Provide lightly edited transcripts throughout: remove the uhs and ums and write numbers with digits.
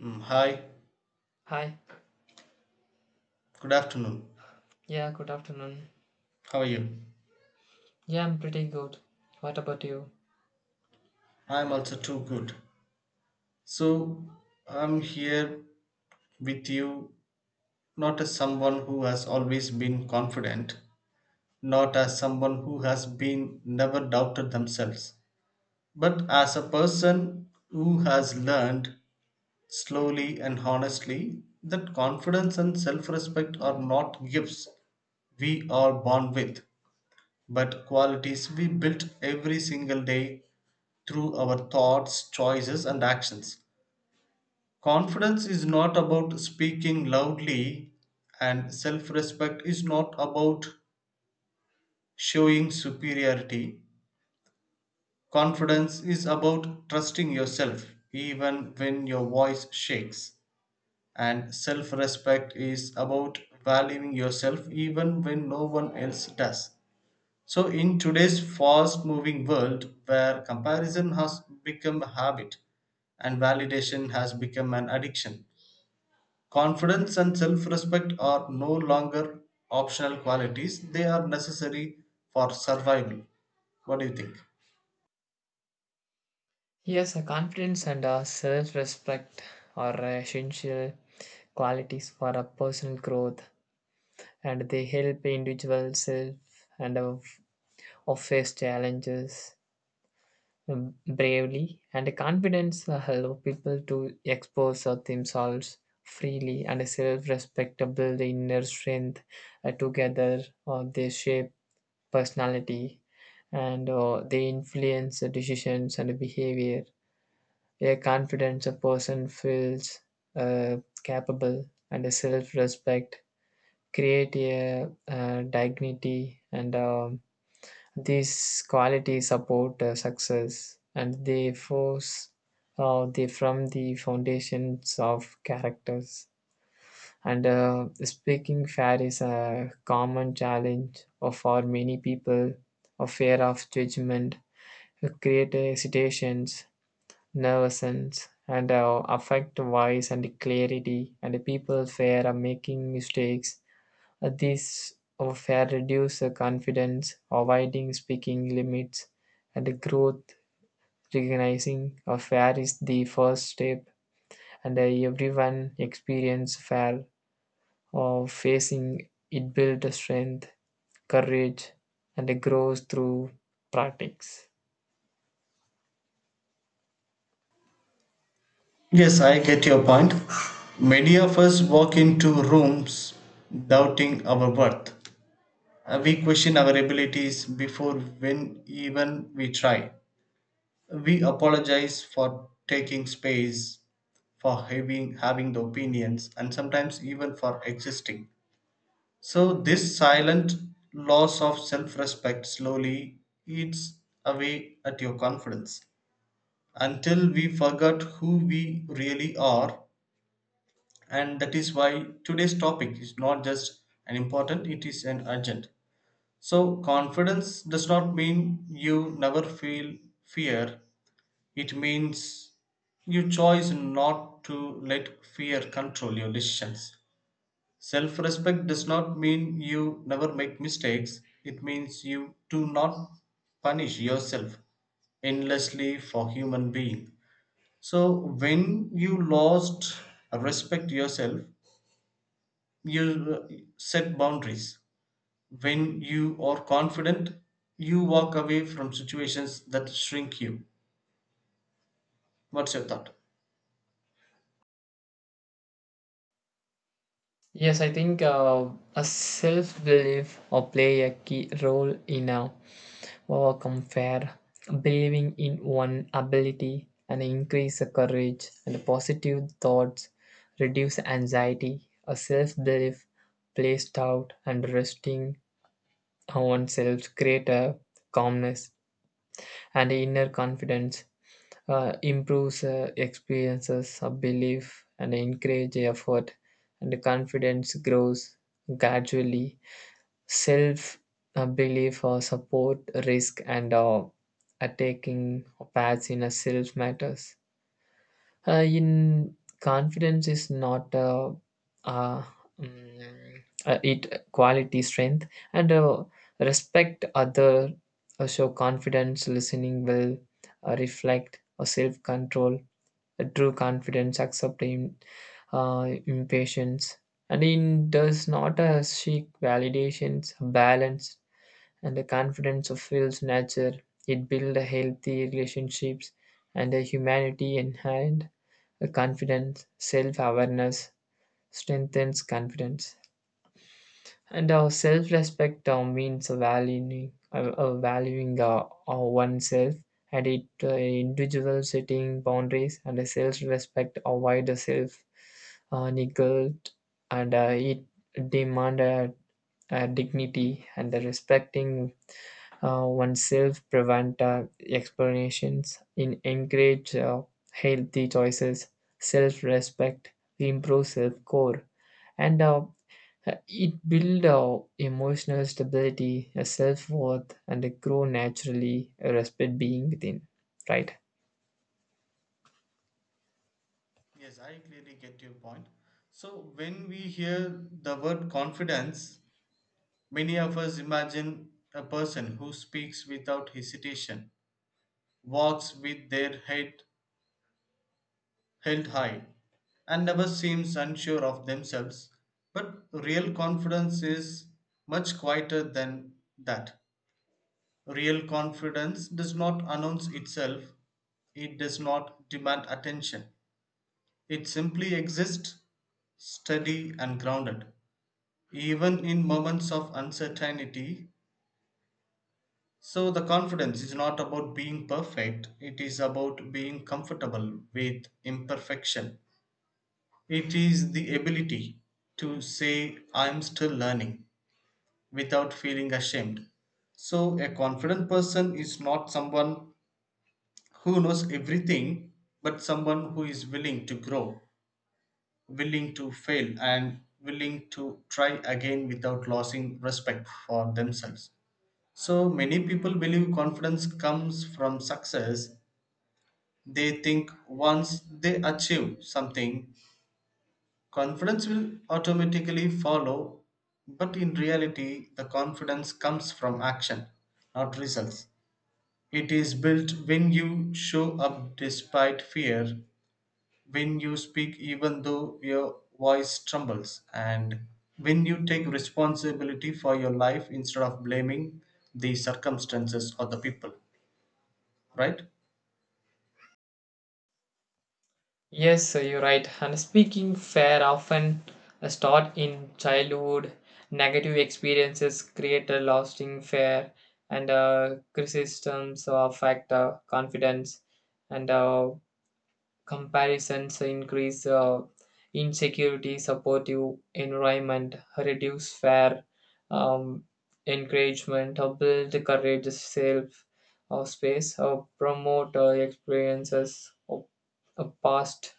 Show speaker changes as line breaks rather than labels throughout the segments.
Hi,
Hi.
good afternoon.
Yeah, good afternoon.
How are you?
Yeah, I'm pretty good. What about you?
I'm also too good. So, I'm here with you not as someone who has always been confident, not as someone who has been never doubted themselves, but as a person who has learned slowly and honestly that confidence and self respect are not gifts we are born with, but qualities we built every single day through our thoughts, choices, and actions. Confidence is not about speaking loudly, and self respect is not about showing superiority. Confidence is about trusting yourself even when your voice shakes, and self respect is about valuing yourself even when no one else does. So, in today's fast moving world where comparison has become a habit and validation has become an addiction, confidence and self respect are no longer optional qualities, they are necessary for survival. What do you think?
Yes, confidence and self respect are essential qualities for a personal growth and they help individuals self and of, of face challenges bravely. And confidence help people to expose themselves freely and self respect build inner strength together or they shape personality and they influence the decisions and the behavior. A confident person feels uh, capable and a self-respect create a dignity and these qualities support success and they force they from the foundations of characters. And speaking fair is a common challenge for many people, a fear of judgment, create hesitations, nervousness, and affect voice and clarity, and people fear of making mistakes. This fear reduce confidence, avoiding speaking limits, and growth. Recognizing a fair is the first step, and everyone experience fair of facing it built strength, courage, and it grows through practice.
Yes, I get your point. Many of us walk into rooms doubting our worth. We question our abilities before when even we try. We apologize for taking space, for having the opinions, and sometimes even for existing. So, this silent loss of self respect slowly eats away at your confidence until we forgot who we really are. And that is why today's topic is not just an important, it is an urgent. So, confidence does not mean you never feel fear. It means you choose not to let fear control your decisions. Self respect does not mean you never make mistakes, it means you do not punish yourself endlessly for human being. So when you lost respect yourself, you set boundaries. When you are confident, you walk away from situations that shrink you. What's your thought?
Yes, I think a self belief or play a key role in a overcome fear. Believing in one ability and increase the courage and positive thoughts, reduce anxiety. A self belief placed out and resting on oneself create a calmness and inner confidence improves experiences of belief and encourage effort and confidence grows gradually self belief or support risk and taking paths in a self matters uh, in confidence is not uh, it quality strength and respect other show confidence listening will reflect or self control true confidence, accepting impatience. And in does not seek validations, balance, and the confidence of feels nature. It builds healthy relationships and a humanity and a confidence, self-awareness strengthens confidence. And our self-respect means valuing oneself, and it individual setting boundaries, and the self-respect avoid the self neglect, and it demand dignity, and the respecting oneself prevent explanations, in encourage healthy choices, self-respect, improve self-core and it builds our emotional stability, a self worth, and a grow naturally, a respect being within. Right?
Yes, I clearly get your point. So, when we hear the word confidence, many of us imagine a person who speaks without hesitation, walks with their head held high, and never seems unsure of themselves. But real confidence is much quieter than that. Real confidence does not announce itself, it does not demand attention. It simply exists, steady, and grounded, even in moments of uncertainty. So, the confidence is not about being perfect, it is about being comfortable with imperfection. It is the ability to say, I'm still learning without feeling ashamed. So, a confident person is not someone who knows everything, but someone who is willing to grow, willing to fail, and willing to try again without losing respect for themselves. So many people believe confidence comes from success. They think once they achieve something, confidence will automatically follow. But in reality, the confidence comes from action, not results. It is built when you show up despite fear, when you speak even though your voice trembles, and when you take responsibility for your life instead of blaming the circumstances or the people, right?
Yes, sir, you're right. And speaking fair often start in childhood. Negative experiences create a lasting fear, and criticisms affect confidence, and comparisons increase insecurity, supportive environment, reduce fear. um, Encouragement, build courage, self space, promote experiences of past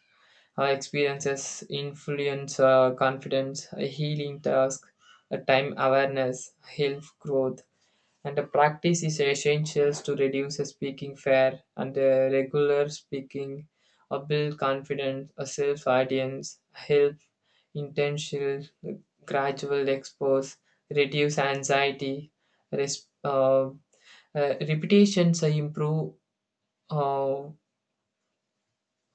experiences, influence confidence, healing task, time awareness, health growth and the practice is essential to reduce the speaking fear and the regular speaking or build confidence, a self audience, help intentional gradual expose, reduce anxiety, res- uh, repetitions improve uh,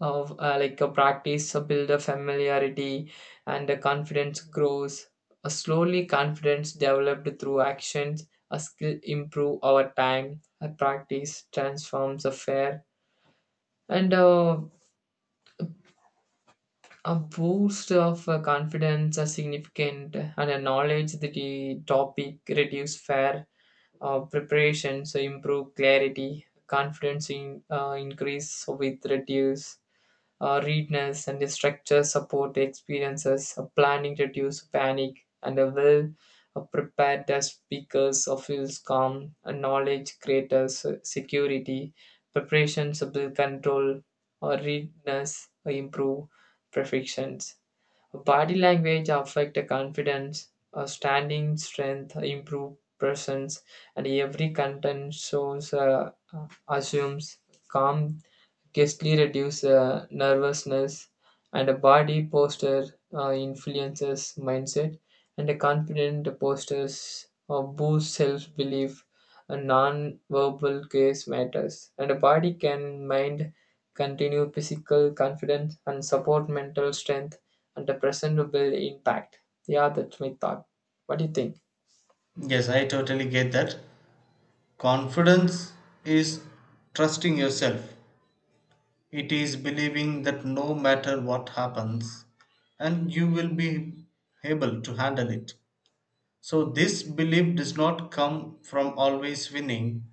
of like a practice build a familiarity and the confidence grows a slowly confidence developed through actions a skill improve over time a practice transforms a fair and a boost of confidence are significant and a knowledge that the topic reduce fear preparation so improve clarity confidence in, increase with reduce readiness and the structure support the experiences. Planning reduce panic, and a well prepared speakers feels calm. A knowledge creators security. Preparations build control. Or readiness improve perfections. Body language affect the confidence. Standing strength improve presence, and every content shows assumes calm ghastly reduce nervousness and a body posture influences mindset and a confident postures boosts self-belief a non-verbal case matters and a body can mind continue physical confidence and support mental strength and the presentable impact. Yeah, that's my thought. What do you think?
Yes, I totally get that. Confidence is trusting yourself. It is believing that no matter what happens, and you will be able to handle it. So, this belief does not come from always winning,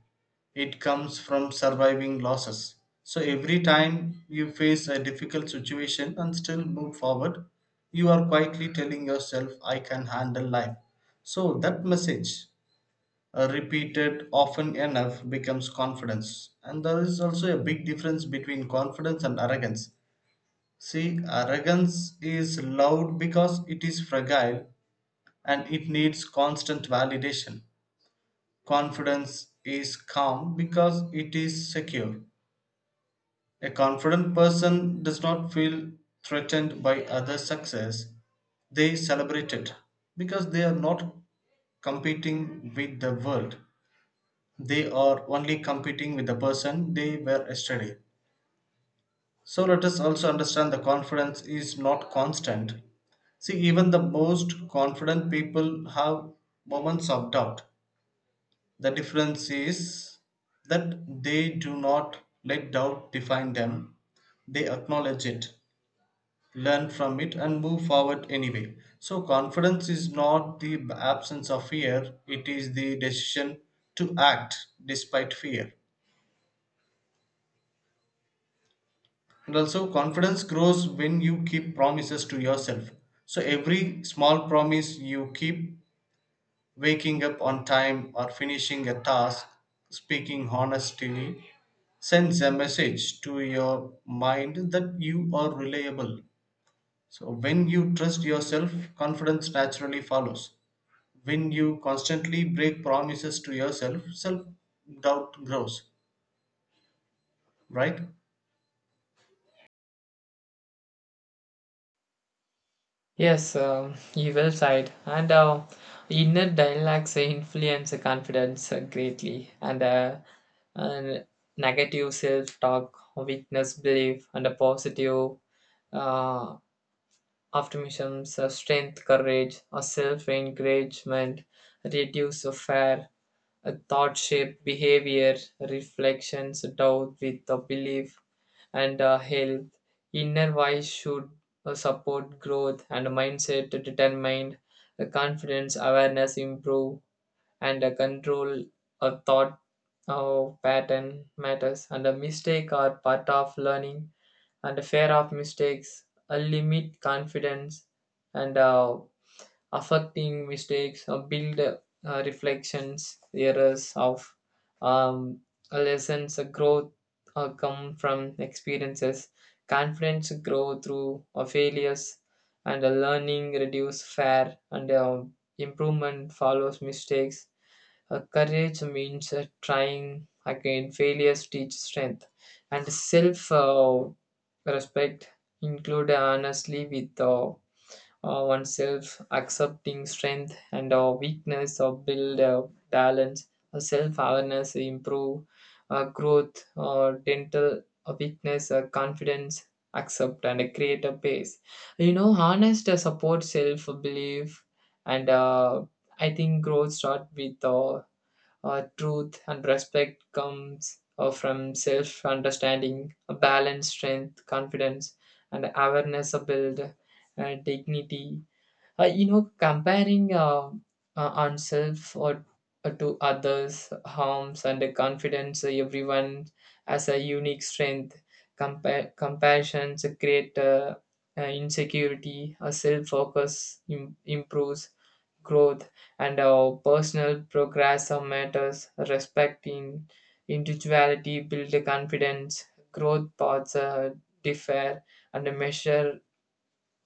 it comes from surviving losses. So, every time you face a difficult situation and still move forward, you are quietly telling yourself, I can handle life. So, that message repeated often enough becomes confidence. And there is also a big difference between confidence and arrogance. See, arrogance is loud because it is fragile and it needs constant validation. Confidence is calm because it is secure. A confident person does not feel threatened by other success. They celebrate it because they are not competing with the world. They are only competing with the person they were yesterday. So let us also understand the confidence is not constant. See, even the most confident people have moments of doubt. The difference is that they do not let doubt define them, they acknowledge it, learn from it, and move forward anyway. So, confidence is not the absence of fear, it is the decision to act despite fear. And also, confidence grows when you keep promises to yourself. So, every small promise you keep, waking up on time or finishing a task, speaking honestly, sends a message to your mind that you are reliable. So, when you trust yourself, confidence naturally follows. When you constantly break promises to yourself, self doubt grows, right?
Yes, you well said. And inner dialogues influence confidence greatly, and negative self-talk, weakness, belief, and a positive uh, optimisms, strength, courage, or self-encouragement reduce a fair thought-shaped behavior, reflections, doubt with the belief, and health. Inner voice should support growth and mindset to determine confidence, awareness, improve, and control a thought pattern matters. And a mistake are part of learning, and the fear of mistakes, a limit confidence, and affecting mistakes or build reflections errors of um, lessons growth come from experiences confidence grow through failures and learning reduce fear and improvement follows mistakes courage means trying again failures teach strength and self respect include honestly with oneself, accepting strength and weakness, or build balance, self-awareness, improve growth, or dental weakness, confidence, accept and create a pace. You know, honest the support, self-belief, and I think growth start with truth and respect comes from self-understanding, a balance, strength, confidence, and awareness are build dignity you know, comparing oneself or to others harms and confidence. Everyone has a unique strength. Compassion create insecurity. Self focus improves growth, and our personal progress matters. Respecting individuality build confidence. Growth paths differ, and measure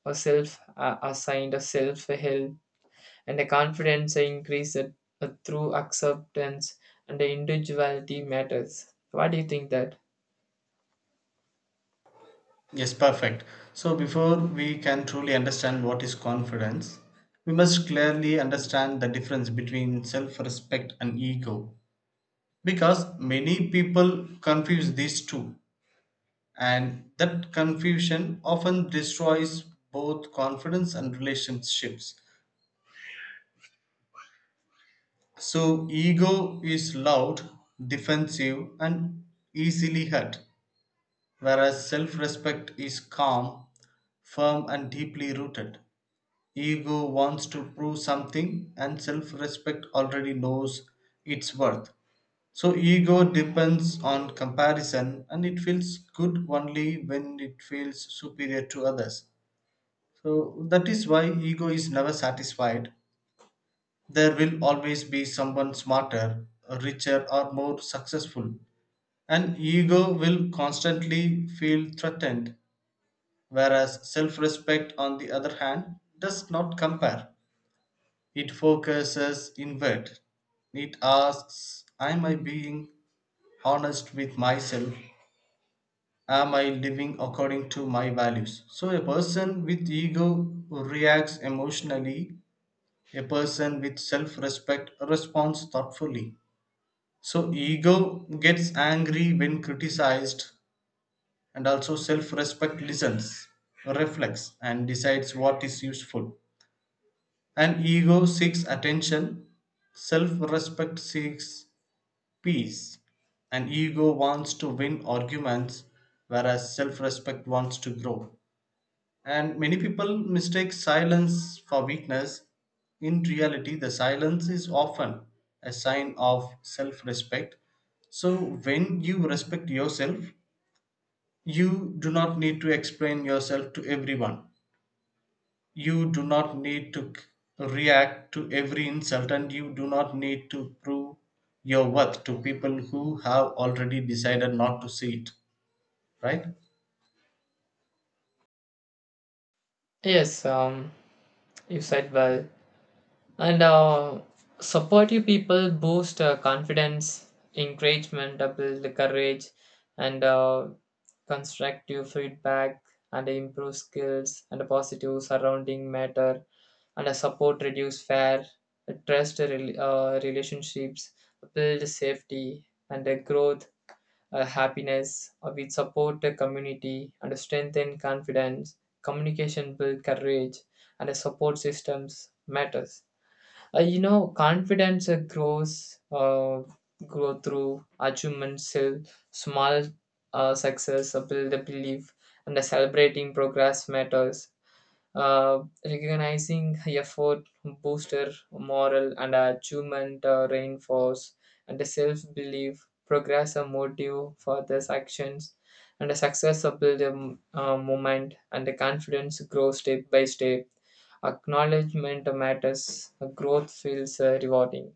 a self assigned a self help and a confidence increase it, through acceptance and the individuality matters. What do you think that?
Yes, perfect. So, before we can truly understand what is confidence, we must clearly understand the difference between self respect and ego because many people confuse these two, and that confusion often destroys both confidence and relationships. So, ego is loud, defensive, and easily hurt, whereas self respect is calm, firm, and deeply rooted. Ego wants to prove something, and self respect already knows its worth. So, ego depends on comparison and it feels good only when it feels superior to others. So, that is why ego is never satisfied. There will always be someone smarter, richer, or more successful. And ego will constantly feel threatened, whereas self respect, on the other hand, does not compare. It focuses inward. It asks, am I being honest with myself? Am I living according to my values? So, a person with ego reacts emotionally, a person with self respect responds thoughtfully. So, ego gets angry when criticized, and also self respect listens, reflects, and decides what is useful. And ego seeks attention, self respect seeks peace. An ego wants to win arguments, whereas self respect wants to grow. And many people mistake silence for weakness. In reality, the silence is often a sign of self respect. So, when you respect yourself, you do not need to explain yourself to everyone. You do not need to react to every insult, and you do not need to prove your worth to people who have already decided not to see it, right?
Yes, you said well. And supportive people boost confidence, encouragement, build courage, and constructive feedback, and improve skills, and a positive surrounding matter, and a support reduce fear, trust relationships, build safety, and the growth happiness, we support the community and strengthen confidence. Communication build courage, and the support systems matters. You know, confidence grow through achievements, so small success, build the belief, and the celebrating progress matters recognizing effort, booster, moral, and achievement reinforce and the self-belief, progress a motive for these actions, and a successful moment, and the confidence grows step by step. Acknowledgement matters, growth feels rewarding.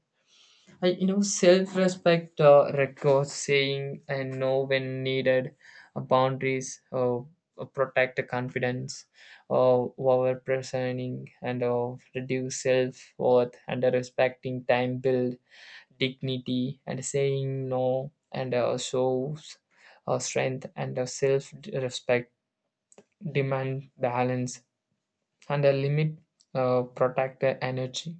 I, you know, self-respect records saying and know when needed, boundaries, protect the confidence, over presenting and reduce self-worth and respecting time build dignity and saying no and shows strength and self-respect demand balance and limit protect the energy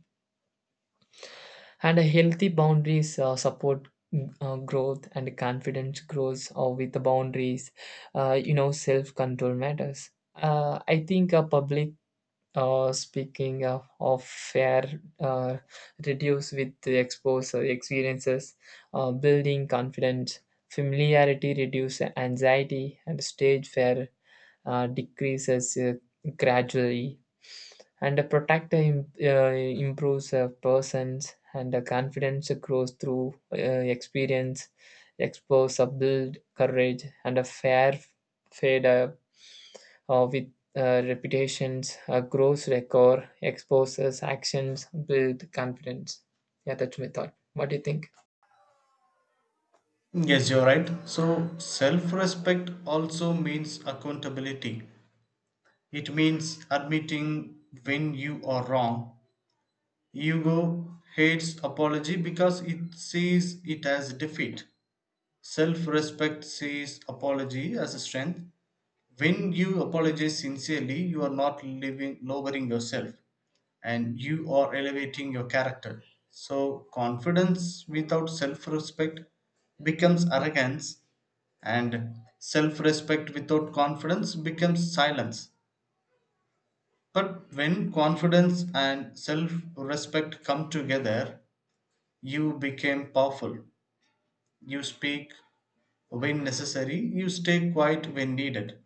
and a healthy boundaries support growth and confidence grows with the boundaries you know self control matters I think public speaking of fair reduce with the exposure experiences building confidence familiarity reduce anxiety and stage fear decreases gradually and a protector improves a person's and the confidence grows through experience expose a build courage and a fair fade with reputations a gross record exposes actions build confidence. Yeah, that's my thought. What do you think?
Yes, you're right. So, self respect also means accountability. It means admitting when you are wrong. Ego hates apology because it sees it as defeat. Self respect sees apology as a strength. When you apologize sincerely, you are not lowering yourself and you are elevating your character. So, confidence without self respect becomes arrogance, and self respect without confidence becomes silence. But when confidence and self respect come together, you become powerful. You speak when necessary, you stay quiet when needed,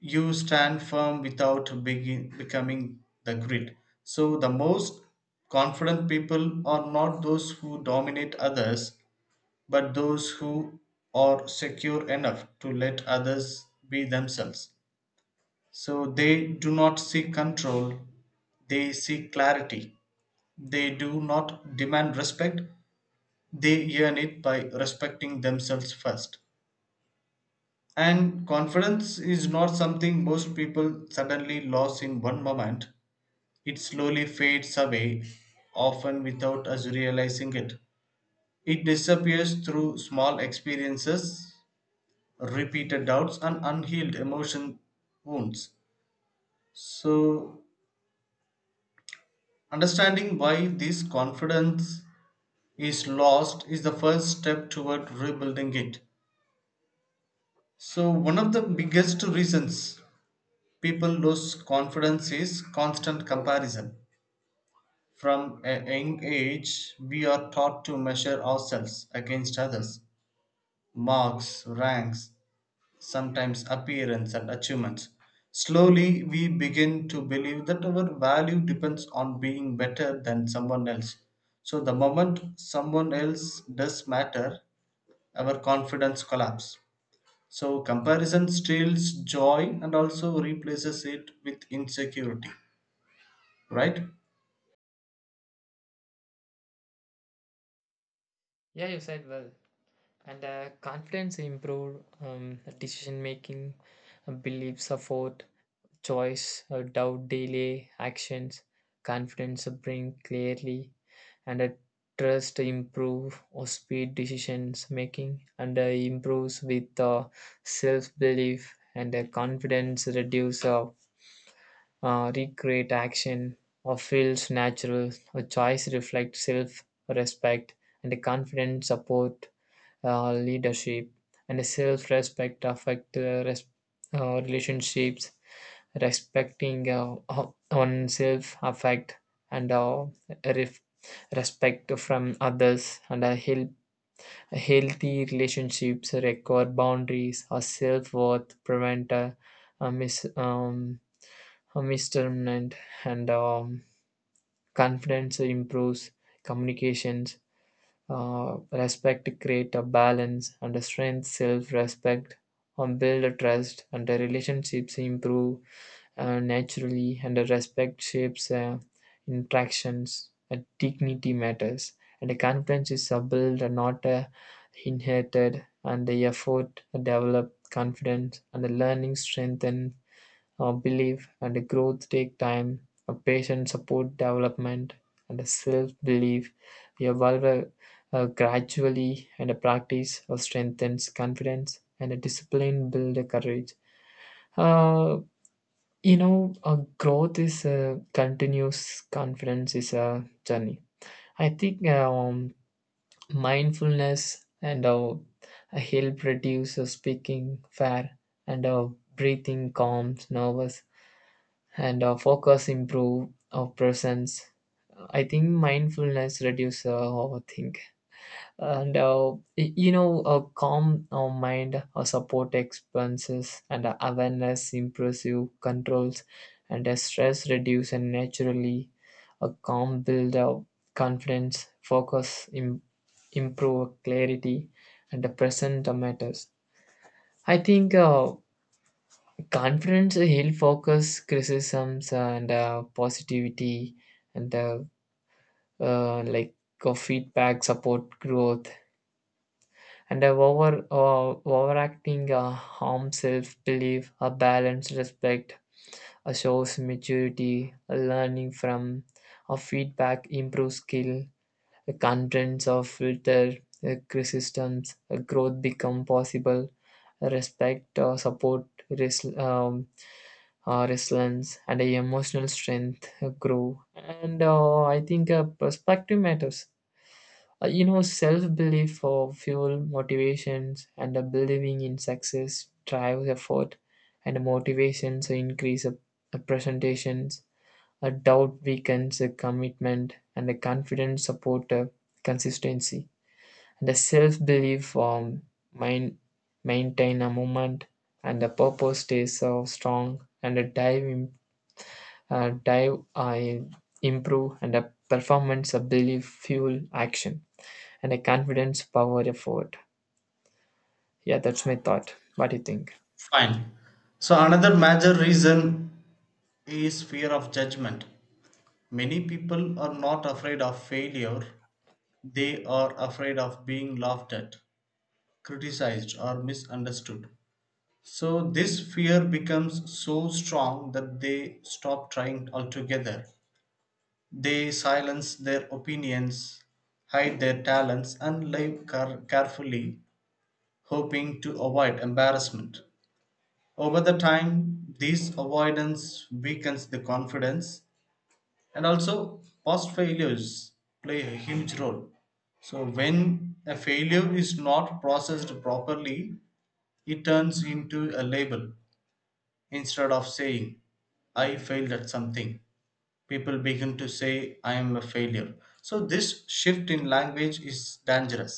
you stand firm without becoming the grid. So, the most confident people are not those who dominate others, but those who are secure enough to let others be themselves. So, they do not seek control, they seek clarity. They do not demand respect, they earn it by respecting themselves first. And confidence is not something most people suddenly lose in one moment. It slowly fades away, often without us realizing it. It disappears through small experiences, repeated doubts, and unhealed emotion wounds. So, understanding why this confidence is lost is the first step toward rebuilding it. So, one of the biggest reasons people lose confidence is constant comparison. From a young age, we are taught to measure ourselves against others: marks, ranks, sometimes appearance and achievements. Slowly, we begin to believe that our value depends on being better than someone else. So, the moment someone else does matter, our confidence collapses. So, comparison steals joy and also replaces it with insecurity, right?
Yeah, you said well and confidence improved decision making belief support choice doubt delay actions confidence bring clearly and trust improve or speed decisions making and improves with self belief and confidence reduce recreate action or feels natural a choice reflects self respect and the confidence support leadership, and self respect affect relationships. Respecting oneself affect and ref- respect from others and help healthy relationships require boundaries or self-worth prevent a mis a misjudgment and confidence improves communications respect create a balance and a strength self-respect and build a trust and the relationships improve naturally and the respect shapes interactions and dignity matters and the confidence is a build and not inherited and the effort develop confidence and the learning strengthen belief and growth take time, a patient support development, and a self-belief. We evolve gradually, and a practice strengthens confidence, and a discipline builds courage. Uh, you know, growth is a continuous. Confidence is a journey. I think mindfulness and help reduce speaking fair and breathing calms nervous and focus improve our presence. I think mindfulness reduce overthink and you know a calm mind support expenses and awareness improves you controls and stress reduce and naturally a calm build up confidence focus improve clarity and the present matters. I think confidence heal focus, criticisms, and positivity, and like feedback, support, growth, and overacting harm, self belief, a balanced respect, a shows maturity, a learning from, a feedback, improve skill, the contents of filter, criticisms, a growth become possible, respect, support, resilience and a emotional strength grow and I think perspective matters you know self-belief for fuel motivations and believing in success drives effort and motivations increase presentations a doubt weakens a commitment and a confidence support consistency and a self-belief mind maintain a moment and the purpose stays so strong and a dive dive I improve and a performance ability fuel action and a confidence power effort. Yeah, that's my thought. What do you think?
Fine. So, another major reason is fear of judgment. Many people are not afraid of failure. They are afraid of being laughed at, criticized, or misunderstood. So, this fear becomes so strong that they stop trying altogether. They silence their opinions, hide their talents, and live carefully, hoping to avoid embarrassment. Over the time, this avoidance weakens the confidence, and also past failures play a huge role. So when a failure is not processed properly, it turns into a label. Instead of saying I failed at something, people begin to say I am a failure. So this shift in language is dangerous.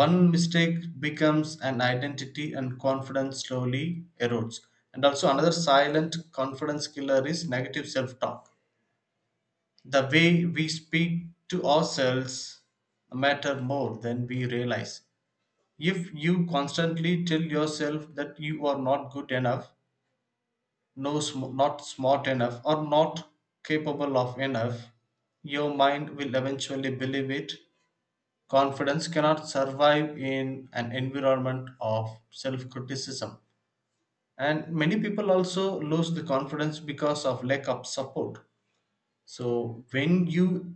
One mistake becomes an identity and confidence slowly erodes. And also another silent confidence killer is negative self talk. The way we speak to ourselves matter more than we realize. If you constantly tell yourself that you are not good enough, not smart enough or not capable of enough, your mind will eventually believe it. Confidence cannot survive in an environment of self-criticism. And many people also lose the confidence because of lack of support. So when you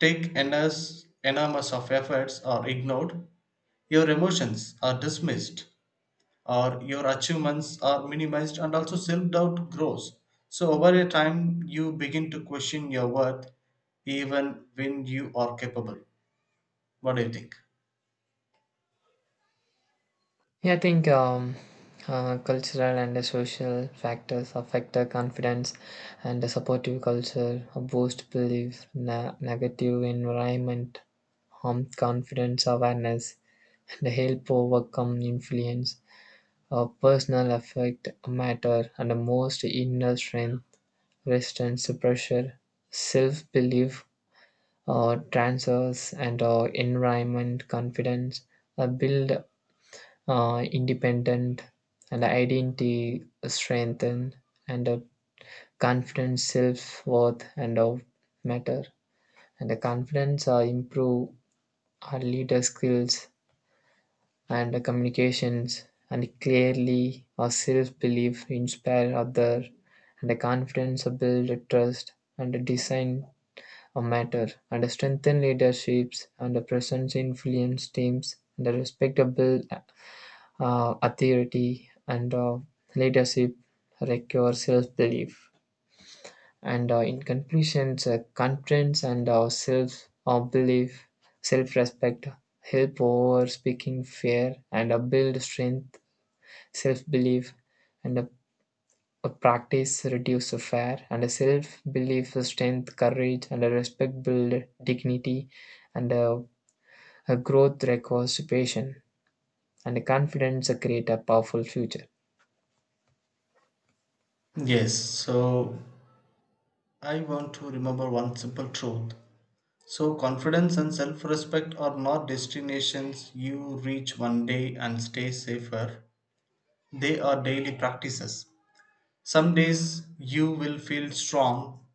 take enormous of efforts are ignored, your emotions are dismissed, or your achievements are minimized, and also self doubt grows. So, over a time, you begin to question your worth even when you are capable. What do you think?
Yeah, I think cultural and the social factors affect the confidence and the supportive culture, boost belief, negative environment, harm confidence awareness, and help overcome influence, personal effect matter, and the most inner strength resistance to pressure, self-belief, transfers and environment confidence, build independent and identity strengthen and confidence self-worth and matter and the confidence improve our leader skills and the communications and clearly our self-belief inspire other and the confidence build trust and design matter and strengthen leaderships and presence influence teams and respectable authority and leadership require self-belief. And in conclusions, confidence and self belief, self respect help over speaking fear and build strength, self belief, and a practice reduces fear and a self belief, a strength, courage, and a respect build dignity, and a growth requires patience, and a confidence create a powerful future.
Yes, so I want to remember one simple truth. So, confidence and self respect are not destinations you reach one day and stay safer, they are daily practices. Some days you will feel strong,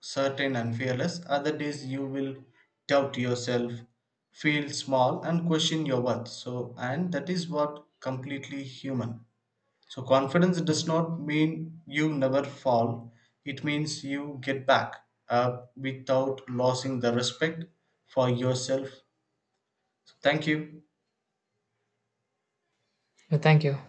certain, and fearless. Other days you will doubt yourself, feel small, and question your worth. So, and that is what completely human. So, confidence does not mean you never fall, it means you get back up without losing the respect for yourself. So, thank you.
Thank you.